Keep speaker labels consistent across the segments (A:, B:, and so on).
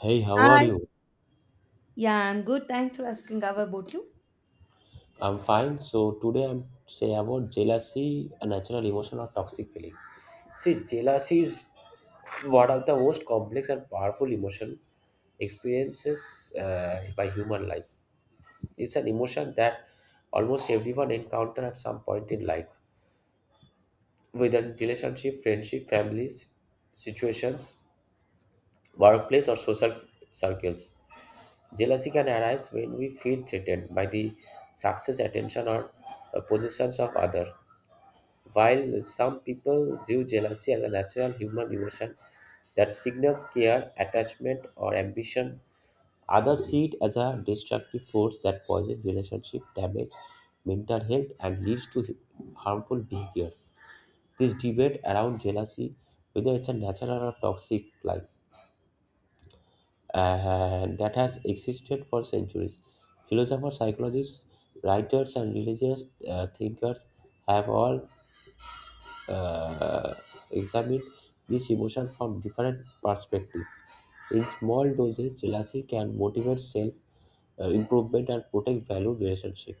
A: Hey, how are
B: Hi.
A: you?
B: Yeah, I'm good. Thanks for asking. How about you?
A: I'm fine. So today I'm say about jealousy, a natural emotion or toxic feeling. See, jealousy is one of the most complex and powerful emotion experiences by human life. It's an emotion that almost everyone encounter at some point in life, whether in relationship, friendship, families, situations, workplace, or social circles. Jealousy can arise when we feel threatened by the success, attention, or possessions of others. While some people view jealousy as a natural human emotion that signals care, attachment, or ambition, others see it as a destructive force that poisons relationship, damage mental health, and leads to harmful behavior. This debate around jealousy, whether it's a natural or toxic, life. That has existed for centuries. Philosophers, psychologists, writers, and religious thinkers have all uh, examined this emotion from different perspectives. In small doses, jealousy can motivate self improvement and protect value relationship.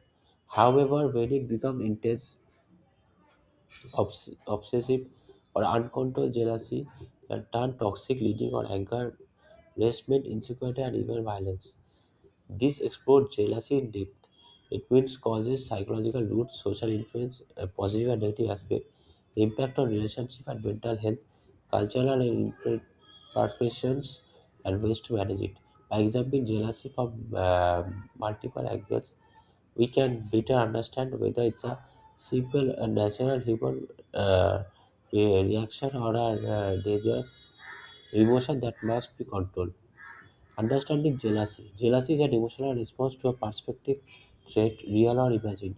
A: However, when it becomes intense, obsessive, or uncontrolled jealousy can turn toxic, leading on anger, resentment, insecurity, and even violence. This explores jealousy in depth. It means causes, psychological roots, social influence, a positive and negative aspect, impact on relationship and mental health, cultural and implications, and ways to manage it. By examining jealousy from multiple angles, we can better understand whether it's a simple and natural human uh, reaction or a dangerous emotion that must be controlled. Understanding jealousy. Jealousy is an emotional response to a perspective threat, real or imagined,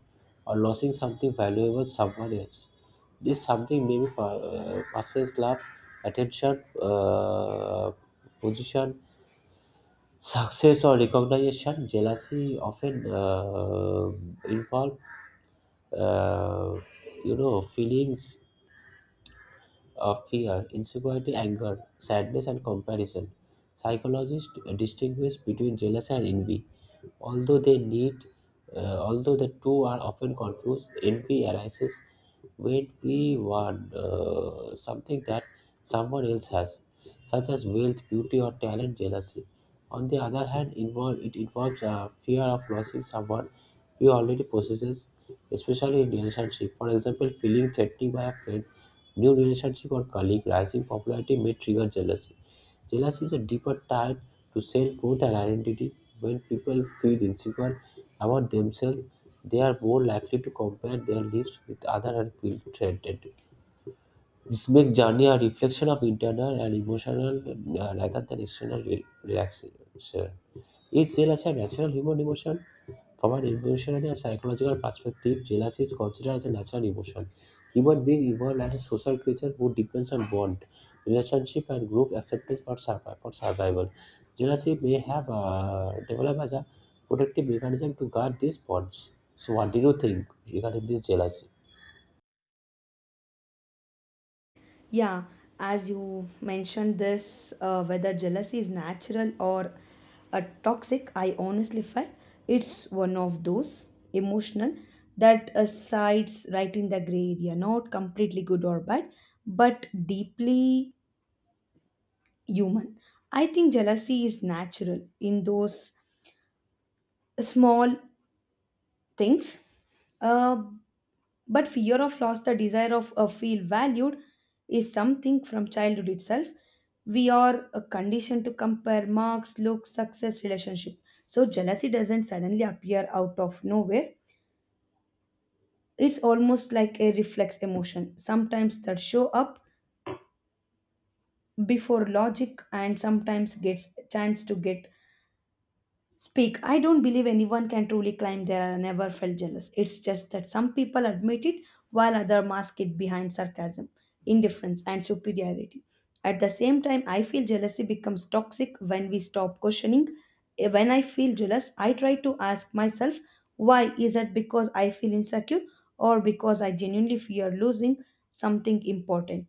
A: or losing something valuable to someone else. This something may be person's love, attention, position, success, or recognition. Jealousy often involve, uh, feelings fear, insecurity, anger, sadness, and comparison. Psychologists distinguish between jealousy and envy. Although they need, Although the two are often confused, envy arises when we want something that someone else has, such as wealth, beauty, or talent. Jealousy, on the other hand, it involves a fear of losing someone we already possesses, especially in relationship. For example, feeling threatened by a friend new relationship or colleague rising popularity may trigger jealousy. Jealousy is a deeper tie to self-worth and identity. When people feel insecure about themselves, they are more likely to compare their lives with others and feel threatened. This makes journey a reflection of internal and emotional rather than external reaction. Each jealousy has a natural human emotion. From an evolutionary and psychological perspective, jealousy is considered as a natural emotion. Human being evolved as a social creature who depends on bond, relationship, and group acceptance for survival. Jealousy may have developed as a protective mechanism to guard these bonds. So, what do you think regarding this jealousy?
B: Yeah, as you mentioned, this whether jealousy is natural or a toxic, I honestly felt it's one of those emotional that sides right in the gray area, not completely good or bad, but deeply human. I think jealousy is natural in those small things. Uh, But fear of loss, the desire of feel valued, is something from childhood itself. We are conditioned to compare marks, looks, success, relationship. So jealousy doesn't suddenly appear out of nowhere. It's almost like a reflex emotion. Sometimes that show up before logic, and sometimes gets chance to get speak. I don't believe anyone can truly claim they are never felt jealous. It's just that some people admit it while others mask it behind sarcasm, indifference, and superiority. At the same time, I feel jealousy becomes toxic when we stop questioning. When I feel jealous, I try to ask myself, why? Is it because I feel insecure or because I genuinely fear losing something important?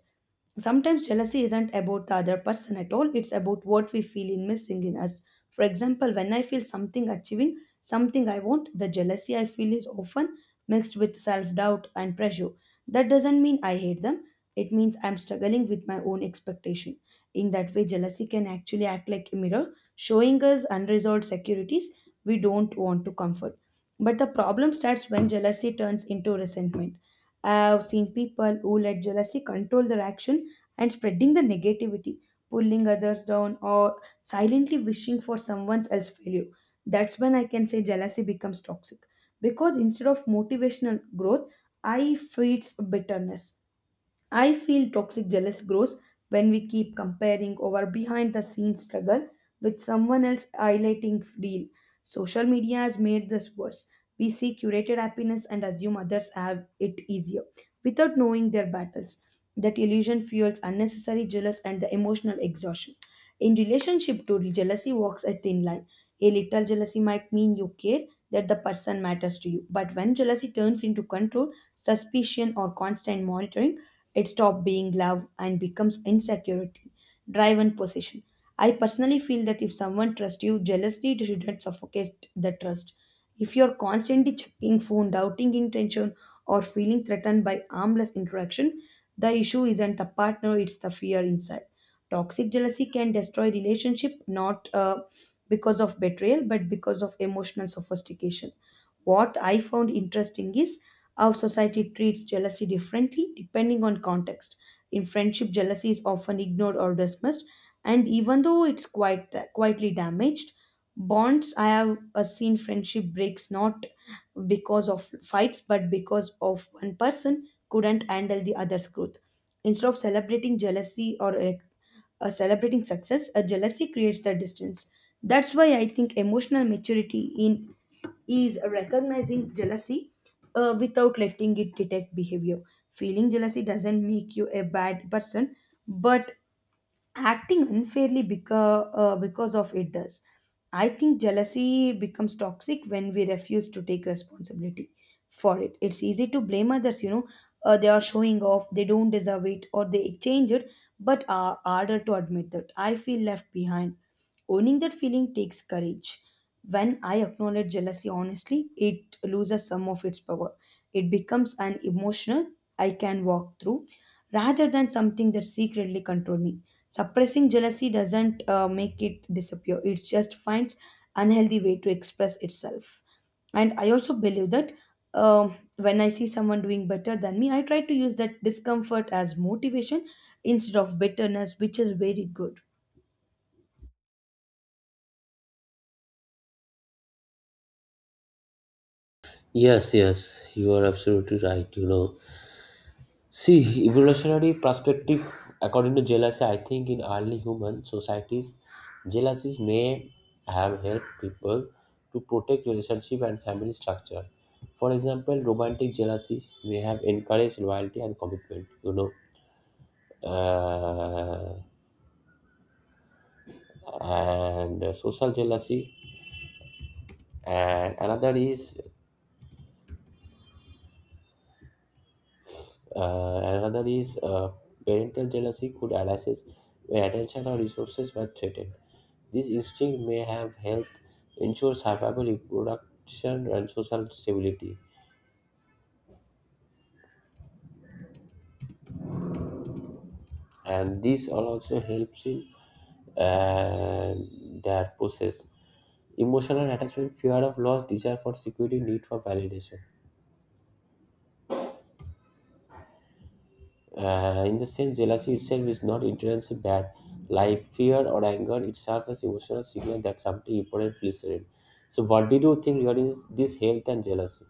B: Sometimes jealousy isn't about the other person at all, it's about what we feel in missing in us. For example, when I feel something achieving, something I want, the jealousy I feel is often mixed with self doubt and pressure. That doesn't mean I hate them, it means I'm struggling with my own expectation. In that way, jealousy can actually act like a mirror, showing us unresolved securities we don't want to comfort. But the problem starts when jealousy turns into resentment. I've seen people who let jealousy control their actions and spreading the negativity, pulling others down, or silently wishing for someone else's failure. That's when I can say jealousy becomes toxic because instead of motivational growth, I feeds bitterness. I feel toxic jealous grows when we keep comparing our behind the scenes struggle with someone else highlighting real. Social media has made this worse. We see curated happiness and assume others have it easier without knowing their battles. That illusion fuels unnecessary jealous and the emotional exhaustion. In relationship to jealousy walks a thin line. A little jealousy might mean you care that the person matters to you, but when jealousy turns into control, suspicion or constant monitoring, it stops being love and becomes insecurity, drive, and possession. I personally feel that if someone trusts you jealously, shouldn't suffocate the trust. If you're constantly checking phone, doubting intention, or feeling threatened by harmless interaction, the issue isn't the partner, it's the fear inside. Toxic jealousy can destroy relationship not because of betrayal, but because of emotional sophistication. What I found interesting is how society treats jealousy differently depending on context. In friendship, jealousy is often ignored or dismissed, and even though it's quite quietly damaged, bonds I have seen friendship breaks not because of fights but because of one person couldn't handle the other's growth. Instead of celebrating jealousy or celebrating success, a jealousy creates the distance. That's why I think emotional maturity in is recognizing jealousy without letting it detect behavior. Feeling jealousy doesn't make you a bad person, but acting unfairly because of it does. I think jealousy becomes toxic when we refuse to take responsibility for it. It's easy to blame others, you know, they are showing off, they don't deserve it, or they change it, but are harder to admit that I feel left behind. Owning that feeling takes courage. When I acknowledge jealousy honestly, it loses some of its power. It becomes an emotional I can walk through rather than something that secretly controls me. Suppressing jealousy doesn't make it disappear, it just finds unhealthy way to express itself. And I also believe that when I see someone doing better than me, I try to use that discomfort as motivation instead of bitterness, which is very good.
A: Yes, yes, you are absolutely right. You know, see, evolutionary perspective, according to jealousy, I think in early human societies, jealousies may have helped people to protect relationship and family structure. For example, romantic jealousy may have encouraged loyalty and commitment, you know, uh, and social jealousy. And another is uh, another is uh, parental jealousy could arise when attention or resources were threatened. This instinct may have helped ensure survival, reproduction, and social stability, and this all also helps in uh, their process. Emotional attachment, fear of loss, desire for security, need for validation. In the sense, jealousy itself is not inherently bad. Like fear or anger, it serves as emotional signal that something important feels threatened. So, what did you think regarding this health and jealousy?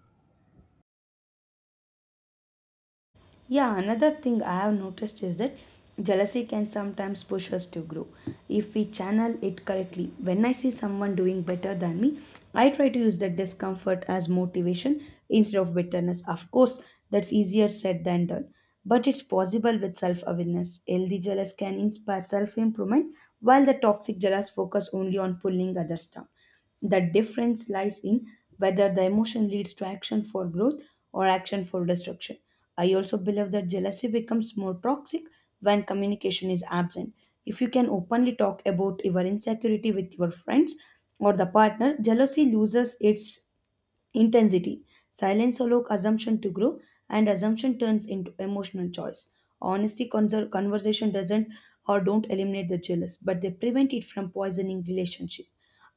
B: Yeah, another thing I have noticed is that jealousy can sometimes push us to grow if we channel it correctly. When I see someone doing better than me, I try to use that discomfort as motivation instead of bitterness. Of course, that's easier said than done, but it's possible with self awareness. Healthy jealous can inspire self improvement, while the toxic jealous focus only on pulling others down. The difference lies in whether the emotion leads to action for growth or action for destruction. I also believe that jealousy becomes more toxic when communication is absent. If you can openly talk about your insecurity with your friends or the partner, jealousy loses its intensity. Silence allows assumption to grow, and assumption turns into emotional choice. Conversation doesn't or don't eliminate the jealous, but they prevent it from poisoning relationship.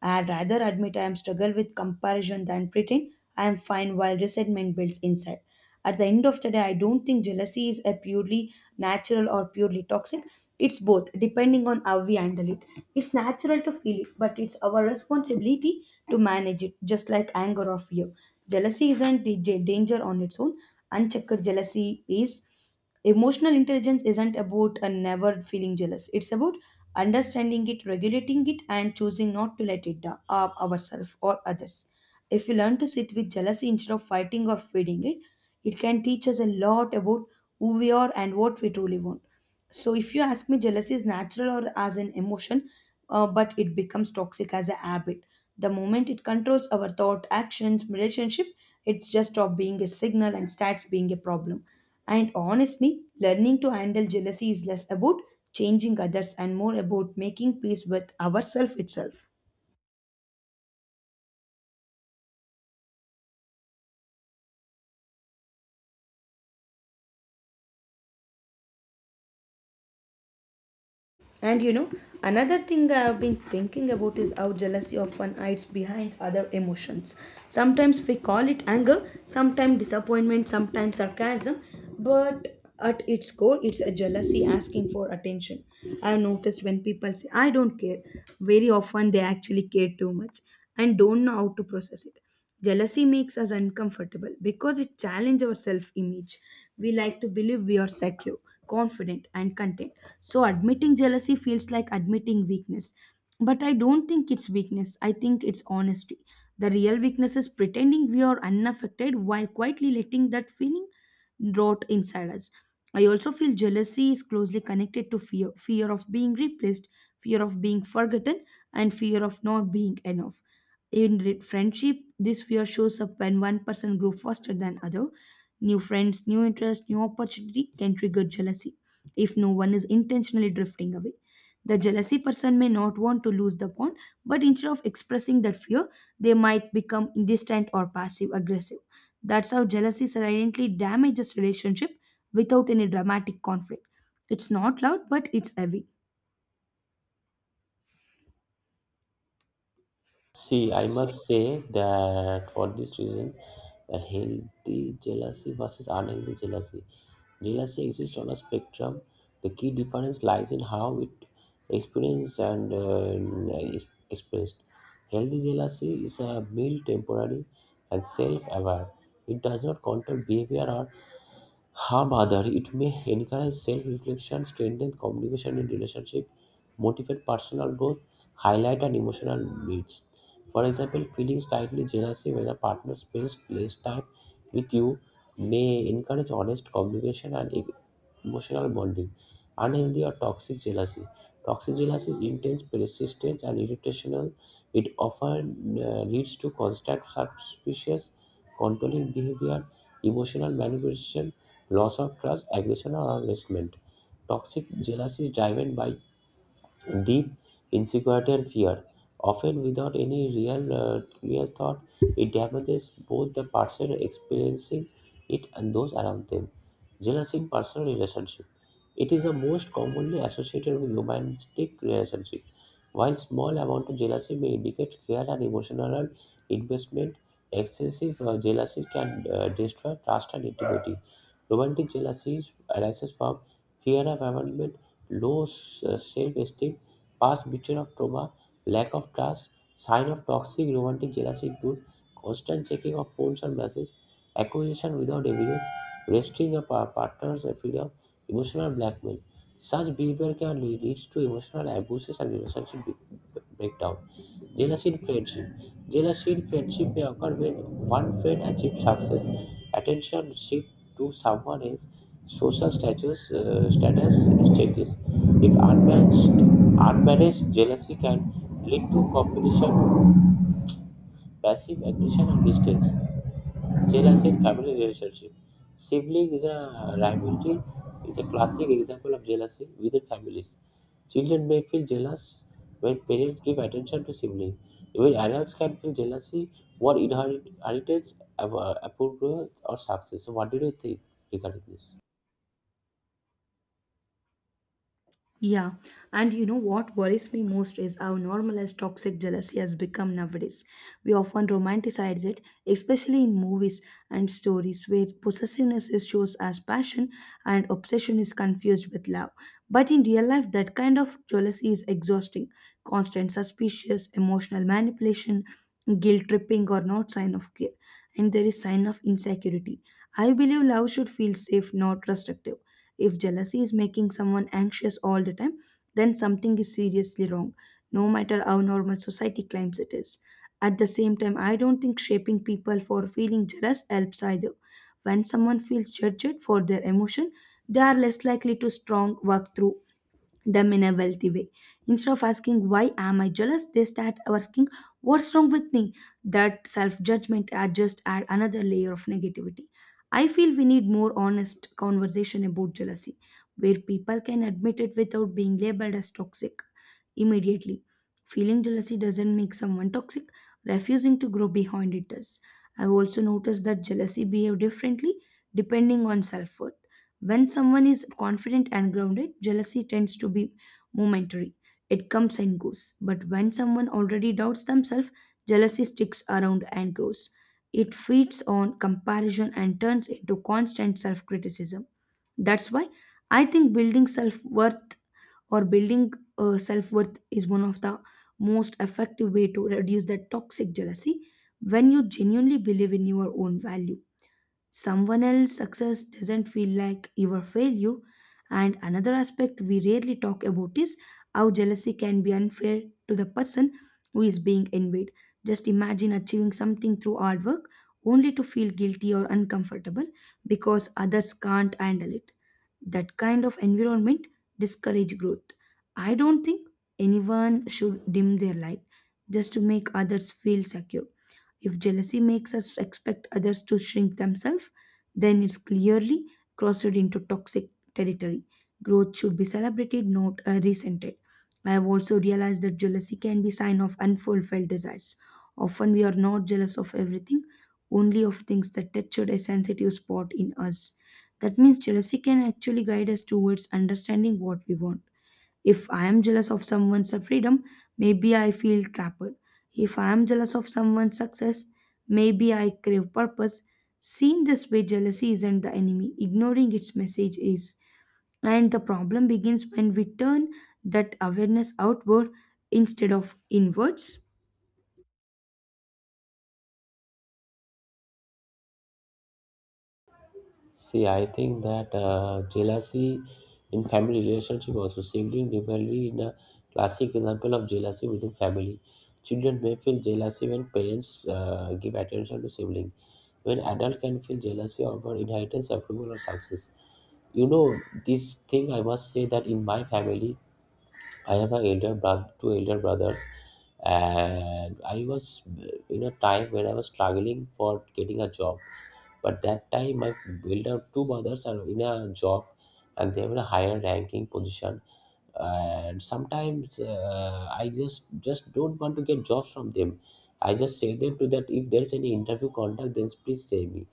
B: I'd rather admit I am struggle with comparison than pretend I am fine while resentment builds inside. At the end of the day, I don't think jealousy is a purely natural or purely toxic. It's both, depending on how we handle it. It's natural to feel it, but it's our responsibility to manage it, just like anger or fear. Jealousy isn't dj- Danger on its own. Unchecked jealousy is emotional intelligence isn't about a never feeling jealous. It's about understanding it, regulating it, and choosing not to let it down ourselves or others. If we learn to sit with jealousy instead of fighting or feeding it, it can teach us a lot about who we are and what we truly want. So, if you ask me, jealousy is natural or as an emotion, but it becomes toxic as a habit. The moment it controls our thought, actions, relationship, it's just stop being a signal and starts being a problem. And honestly, learning to handle jealousy is less about changing others and more about making peace with ourself itself. And you know, another thing I've been thinking about is how jealousy often hides behind other emotions. Sometimes we call it anger, sometimes disappointment, sometimes sarcasm, but at its core, it's a jealousy asking for attention. I've noticed when people say, "I don't care," very often they actually care too much and don't know how to process it. Jealousy makes us uncomfortable because it challenges our self image. We like to believe we are secure, confident, and content. So, admitting jealousy feels like admitting weakness. But I don't think it's weakness, I think it's honesty. The real weakness is pretending we are unaffected while quietly letting that feeling rot inside us. I also feel jealousy is closely connected to fear, fear of being replaced, fear of being forgotten, and fear of not being enough. Friendship, this fear shows up when one person grows faster than other. New friends, new interests, new opportunity can trigger jealousy if no one is intentionally drifting away. The jealousy person may not want to lose the bond, but instead of expressing that fear, they might become distant or passive aggressive. That's how jealousy silently damages relationship without any dramatic conflict. It's not loud, but it's heavy.
A: See, I must say that for this reason, a healthy jealousy versus unhealthy jealousy. Jealousy exists on a spectrum. The key difference lies in how it experienced and is expressed. Healthy jealousy is a mild, temporary, and self aware. It does not control behavior or however, it may encourage self reflection, strengthen communication in relationship, motivate personal growth, highlight and emotional needs. For example, feeling slightly jealousy when a partner spends less time with you may encourage honest communication and emotional bonding. Unhealthy or toxic jealousy. Toxic jealousy is intense, persistent, and irritational. It often leads to constant suspicious, controlling behavior emotional manipulation, loss of trust, aggression, or harassment. Toxic jealousy is driven by deep insecurity and fear, often without any real thought. It damages both the person experiencing it and those around them. Jealousy in personal relationship. It is the most commonly associated with romantic relationship. While small amount of jealousy may indicate care and emotional investment, excessive jealousy can destroy trust and intimacy. Romantic jealousy arises from fear of abandonment, low self esteem, past betrayal of trauma, lack of trust, sign of toxic romantic jealousy include constant checking of phones and messages, accusation without evidence, restricting a partner's freedom, emotional blackmail. Such behavior can leads to emotional abuses and relationship breakdown. Jealousy in friendship. Jealousy in friendship may occur when one friend achieves success, attention shift to someone else, social status changes. If unmanaged, unmanaged jealousy can lead to competition, passive aggression, and distance. Jealousy in family relationship. Sibling is a rivalry is a classic example of jealousy within families. Children may feel jealous when parents give attention to siblings. Even adults can feel jealousy when inheritance of approval or success. So, what did you think regarding this?
B: Yeah, and you know what worries me most is how normalized toxic jealousy has become nowadays. We often romanticize it, especially in movies and stories where possessiveness is shown as passion and obsession is confused with love. But in real life, that kind of jealousy is exhausting. Constant suspicious, emotional manipulation, guilt tripping or not sign of care. And there is sign of insecurity. I believe love should feel safe, not restrictive. If jealousy is making someone anxious all the time, then something is seriously wrong, no matter how normal society claims it is. At the same time, I don't think shaping people for feeling jealous helps either. When someone feels judged for their emotion, they are less likely to strong work through them in a wealthy way. Instead of asking, "Why am I jealous?" they start asking, "What's wrong with me?" That self judgment just add another layer of negativity. I feel we need more honest conversation about jealousy, where people can admit it without being labeled as toxic immediately. Feeling jealousy doesn't make someone toxic, refusing to grow behind it does. I've also noticed that jealousy behaves differently depending on self worth. When someone is confident and grounded, jealousy tends to be momentary. It comes and goes. But when someone already doubts themselves, jealousy sticks around and grows. It feeds on comparison and turns into constant self criticism. That's why I think building self worth or building self worth is one of the most effective way to reduce that toxic jealousy. When you genuinely believe in your own value, someone else's success doesn't feel like your failure. And another aspect we rarely talk about is how jealousy can be unfair to the person who is being envied. Just imagine achieving something through hard work only to feel guilty or uncomfortable because others can't handle it. That kind of environment discourage growth. I don't think anyone should dim their light just to make others feel secure. If jealousy makes us expect others to shrink themselves, then it's clearly crossed into toxic territory. Growth should be celebrated, not resented. I have also realized that jealousy can be sign of unfulfilled desires. Often we are not jealous of everything, only of things that touched a sensitive spot in us. That means jealousy can actually guide us towards understanding what we want. If I am jealous of someone's freedom, maybe I feel trapped. If I am jealous of someone's success, maybe I crave purpose. Seen this way, jealousy isn't the enemy, ignoring its message is. And the problem begins when we turn that awareness outward instead of inwards.
A: See, I think that jealousy in family relationship also sibling rivalry in a classic example of jealousy within family. Children may feel jealousy when parents give attention to sibling. When adult can feel jealousy over inheritance, approval, or success. You know, this thing I must say that in my family, I have an elder brother, two elder brothers, and I was in a time when I was struggling for getting a job. But that time, my elder two brothers are in a job, and they have a higher ranking position. And sometimes I just don't want to get jobs from them. I just say them to that if there's any interview contact, then please say me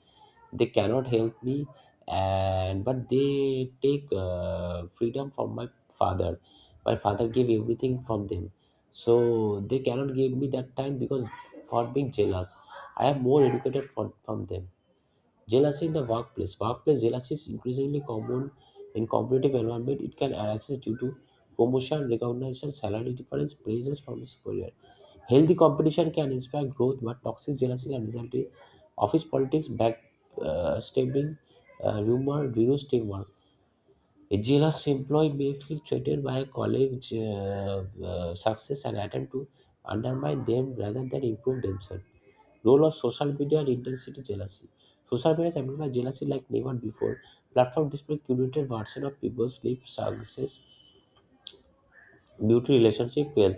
A: they cannot help me and but they take freedom from my father. My father gave everything from them, so they cannot give me that time because for being jealous I am more educated from them. Jealousy in the workplace. Workplace jealousy is increasingly common in competitive environment. It can arise due to promotion recognition salary difference praises from the superior. Healthy competition can inspire growth, but toxic jealousy can result in office politics, backstabbing, rumor, reduced teamwork. A jealous employee may feel threatened by a colleague's success and attempt to undermine them rather than improve themselves. Role of social media and intensity jealousy. Social media amplifies jealousy like never before. Platform display curated version of people's life, success, beauty, relationship, wealth,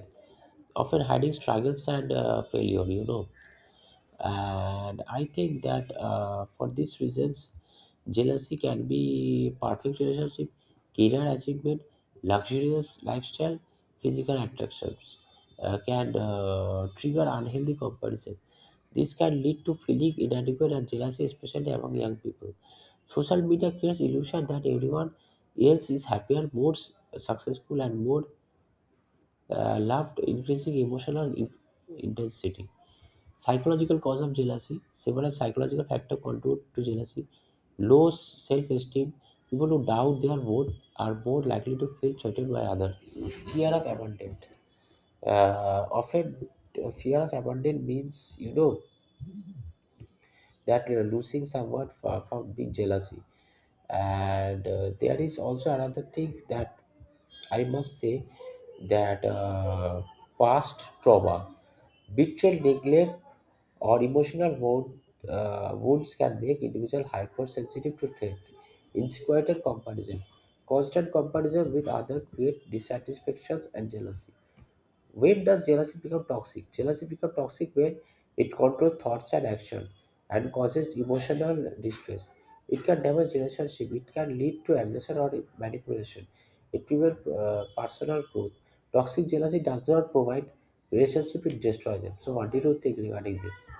A: often hiding struggles and failure. You know, and I think that for these reasons jealousy can be perfect relationship, career achievement, luxurious lifestyle, physical attractions can trigger unhealthy comparison. This can lead to feeling inadequate and jealousy especially among young people. Social media creates illusion that everyone else is happier, more successful and more loved, increasing emotional intensity. Psychological cause of jealousy. Several psychological factors contribute to jealousy. Low self-esteem. People who doubt their worth are more likely to feel cheated by others. Fear of abandonment. Often, fear of abandonment means you know that you losing someone from being jealousy. And there is also another thing that I must say that past trauma, betrayal, neglect, or emotional wounds can make individual hypersensitive to threat, insecurity, and comparison. Constant comparison with others create dissatisfactions and jealousy. When does jealousy become toxic? Jealousy becomes toxic when it controls thoughts and action and causes emotional distress. It can damage relationship. It can lead to aggression or manipulation. It prevents personal growth. Toxic jealousy does not provide relationship; it destroys them. So, what do you think regarding this?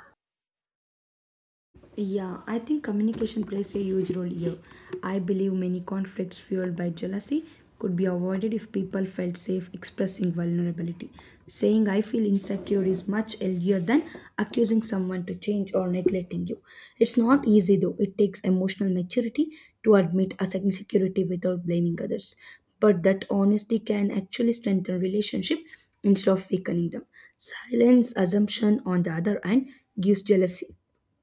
B: Yeah, I think communication plays a huge role here. I believe many conflicts fueled by jealousy could be avoided if people felt safe expressing vulnerability. Saying I feel insecure is much healthier than accusing someone to change or neglecting you. It's not easy though, it takes emotional maturity to admit a insecurity without blaming others. But that honesty can actually strengthen relationship instead of weakening them. Silence assumption on the other hand gives jealousy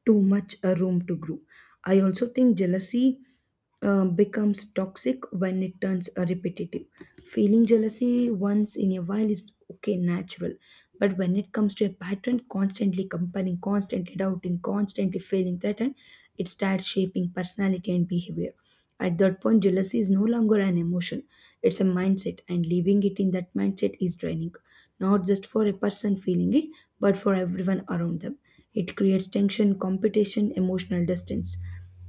B: too much a room to grow. I also think jealousy becomes toxic when it turns repetitive. Feeling jealousy once in a while is okay, natural. But when it comes to a pattern, constantly comparing, constantly doubting, constantly feeling threatened, it starts shaping personality and behavior. At that point, jealousy is no longer an emotion, it's a mindset, and leaving it in that mindset is draining, not just for a person feeling it, but for everyone around them. It creates tension, competition, emotional distance.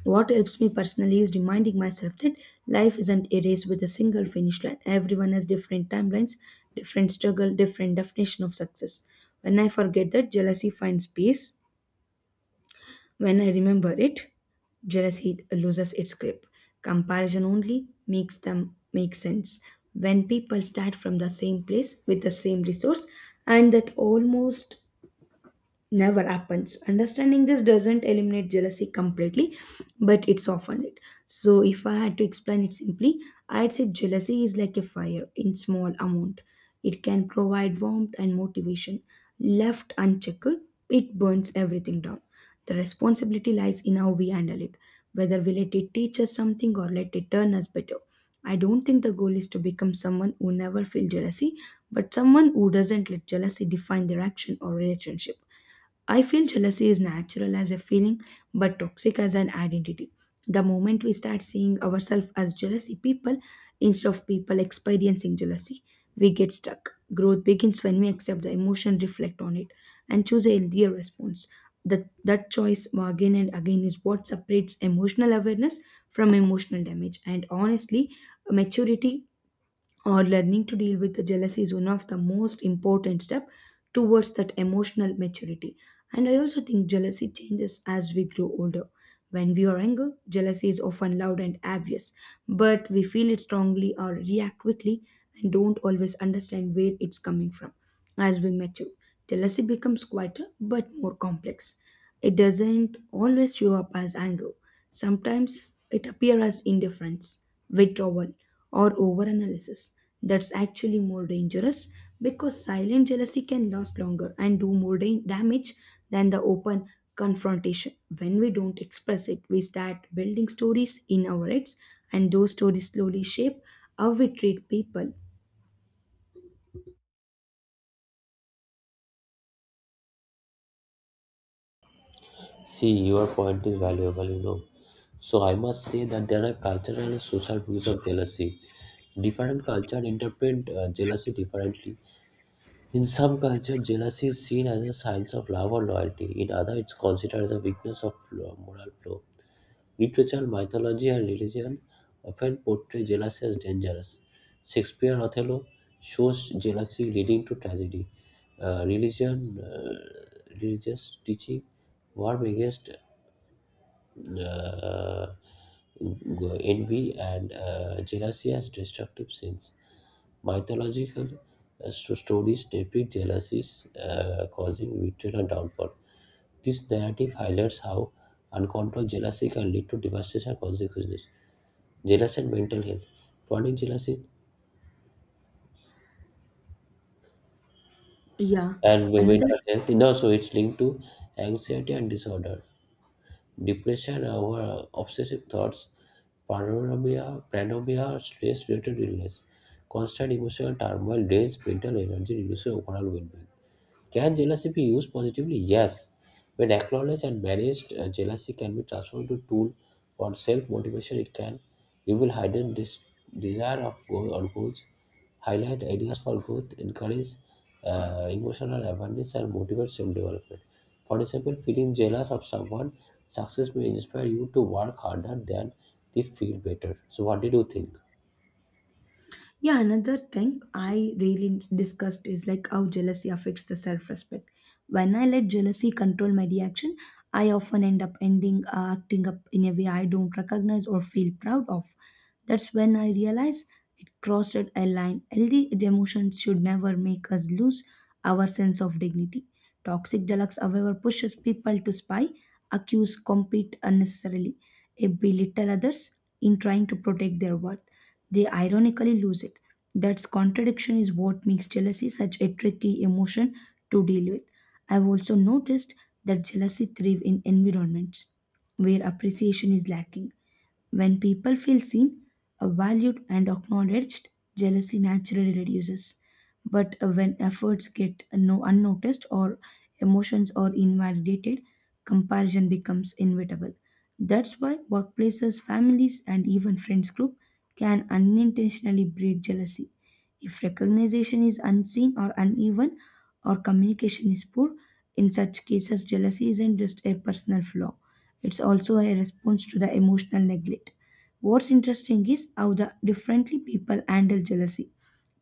B: What helps me personally is reminding myself that life isn't a race with a single finish line. Everyone has different timelines, different struggle, different definition of success. When I forget that, jealousy finds peace. When I remember it, jealousy loses its grip. Comparison only makes them make sense when people start from the same place with the same resource, and that almost never happens. Understanding this doesn't eliminate jealousy completely, but it softened it. So, if I had to explain it simply, I'd say jealousy is like a fire in small amount. It can provide warmth and motivation. Left unchecked, it burns everything down. The responsibility lies in how we handle it, whether we let it teach us something or let it turn us better. I don't think the goal is to become someone who never feels jealousy, but someone who doesn't let jealousy define their action or relationship. I feel jealousy is natural as a feeling but toxic as an identity. The moment we start seeing ourselves as jealousy people instead of people experiencing jealousy, we get stuck. Growth begins when we accept the emotion, reflect on it, and choose a healthier response. That choice again and again is what separates emotional awareness from emotional damage. And honestly, maturity or learning to deal with the jealousy is one of the most important step towards that emotional maturity. And I also think jealousy changes as we grow older. When we are younger, jealousy is often loud and obvious, but we feel it strongly or react quickly and don't always understand where it's coming from. As we mature, jealousy becomes quieter but more complex. It doesn't always show up as anger. Sometimes it appears as indifference, withdrawal, or overanalysis. That's actually more dangerous because silent jealousy can last longer and do more damage than the open confrontation. When we don't express it, we start building stories in our heads, and those stories slowly shape how we treat people.
A: See, your point is valuable. You know, so I must say that there are cultural and social views of jealousy. Different cultures interpret jealousy differently. In some cultures, jealousy is seen as a sign of love or loyalty. In others, it's considered as a weakness of moral flow. Literature, mythology, and religion often portray jealousy as dangerous. Shakespeare, Othello shows jealousy leading to tragedy. Religious teaching, war against uh, envy and jealousy as destructive sins. Mythological stories depict jealousies causing victory and downfall. This narrative highlights how uncontrolled jealousy can lead to devastation and consequences. Jealousy and mental health. Chronic jealousy
B: Yeah,
A: and
B: another
A: mental health, no, so it's linked to anxiety and disorder, depression, over obsessive thoughts, paranoia stress related illness, constant emotional turmoil drains mental energy, reduces overall well being. Can jealousy be used positively? Yes. When acknowledged and managed, jealousy can be transformed into tool for self-motivation. It can reveal hidden desire of goal or goals, highlight ideas for growth, encourage emotional awareness, and motivate self-development. For example, feeling jealous of someone success may inspire you to work harder than they feel better. So, what did you think?
B: Yeah, another thing I really discussed is like how jealousy affects the self respect. When I let jealousy control my reaction, I often end up ending acting up in a way I don't recognize or feel proud of. That's when I realize it crossed a line. Healthy emotions should never make us lose our sense of dignity. Toxic jealousy, however, pushes people to spy, accuse, compete unnecessarily, and belittle others. In trying to protect their worth they ironically lose it. That contradiction is what makes jealousy such a tricky emotion to deal with. I've also noticed that jealousy thrives in environments where appreciation is lacking. When people feel seen, valued, and acknowledged, jealousy naturally reduces. But when efforts get no unnoticed or emotions are invalidated, comparison becomes inevitable. That's why workplaces, families, and even friends group can unintentionally breed jealousy. If recognition is unseen or uneven, or communication is poor, in such cases, jealousy isn't just a personal flaw, it's also a response to the emotional neglect. What's interesting is how the differently people handle jealousy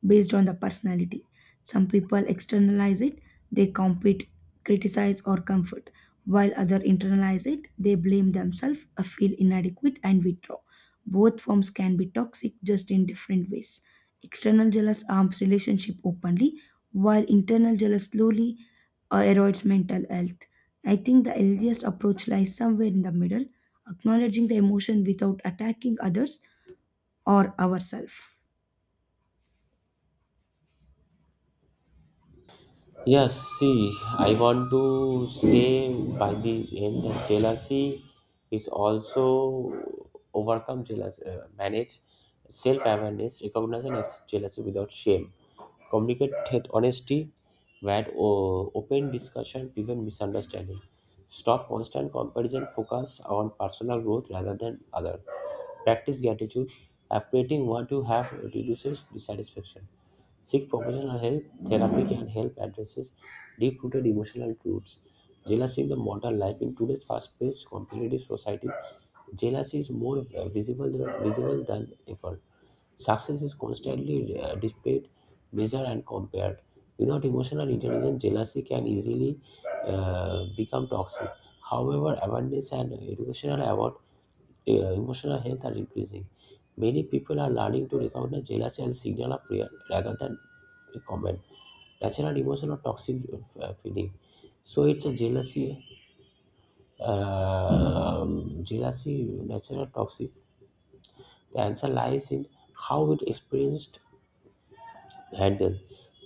B: based on the personality. Some people externalize it, they compete, criticize, or comfort, while others internalize it, they blame themselves, feel inadequate, and withdraw. Both forms can be toxic just in different ways. External jealous harms relationship openly, while internal jealous slowly erodes mental health. I think the healthiest approach lies somewhere in the middle, acknowledging the emotion without attacking others or ourselves.
A: Yes, see, I want to say by the end that jealousy is also overcome jealousy, manage self-awareness, recognize and accept jealousy without shame. Communicate with honesty, where open discussion prevent misunderstanding. Stop constant comparison, focus on personal growth rather than other. Practice gratitude, appreciating what you have reduces dissatisfaction. Seek professional help. Therapy can help addresses deep-rooted emotional truths. Jealousy in the modern life in today's fast-paced competitive society, jealousy is more visible than ever. Success is constantly displayed, measured, and compared. Without emotional intelligence, jealousy can easily become toxic. However, awareness and educational yeah, emotional health are increasing. Many people are learning to recognize jealousy as a signal of fear rather than a common natural emotion or toxic feeling. So it's a uh, jealousy, natural toxic. The answer lies in how it experienced handle.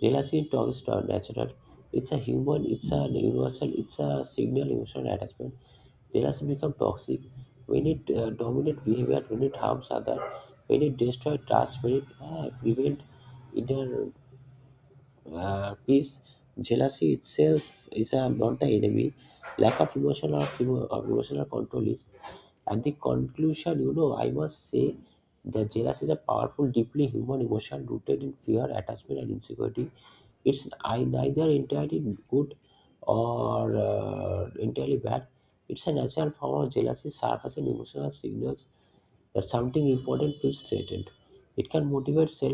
A: Jealousy is toxic or natural. It's a human. It's a universal. It's a signal emotional attachment. They also become toxic when it dominates behavior, when it harms others, when it destroys trust, when it prevents inner peace, jealousy itself is not the enemy. Lack of emotional of emotional control is. At the conclusion, you know, I must say that jealousy is a powerful, deeply human emotion rooted in fear, attachment, and insecurity. It's neither entirely good or entirely bad. It's a natural form of jealousy, serves as an emotional signals that something important feels threatened. It can motivate self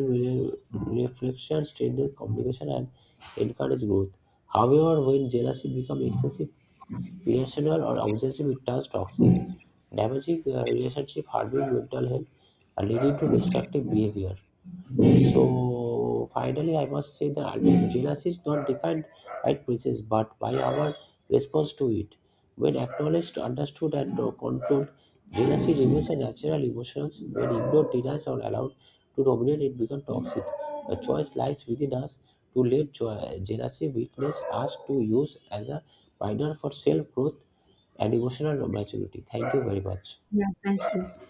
A: reflection, strengthen communication, and encourage growth. However, when jealousy becomes excessive, irrational, or obsessive, it turns toxic, damaging relationship, harming mental health, and leading to destructive behavior. So finally, I must say that ultimate jealousy is not defined by princess, but by our response to it. When acknowledged, understood, and controlled, jealousy remains a natural emotion. When ignored, denied, or allowed to dominate, it becomes toxic. The choice lies within us to let jealousy weakness us to use as a minor for self growth and emotional maturity. Thank you very much.
B: Yeah, thank you.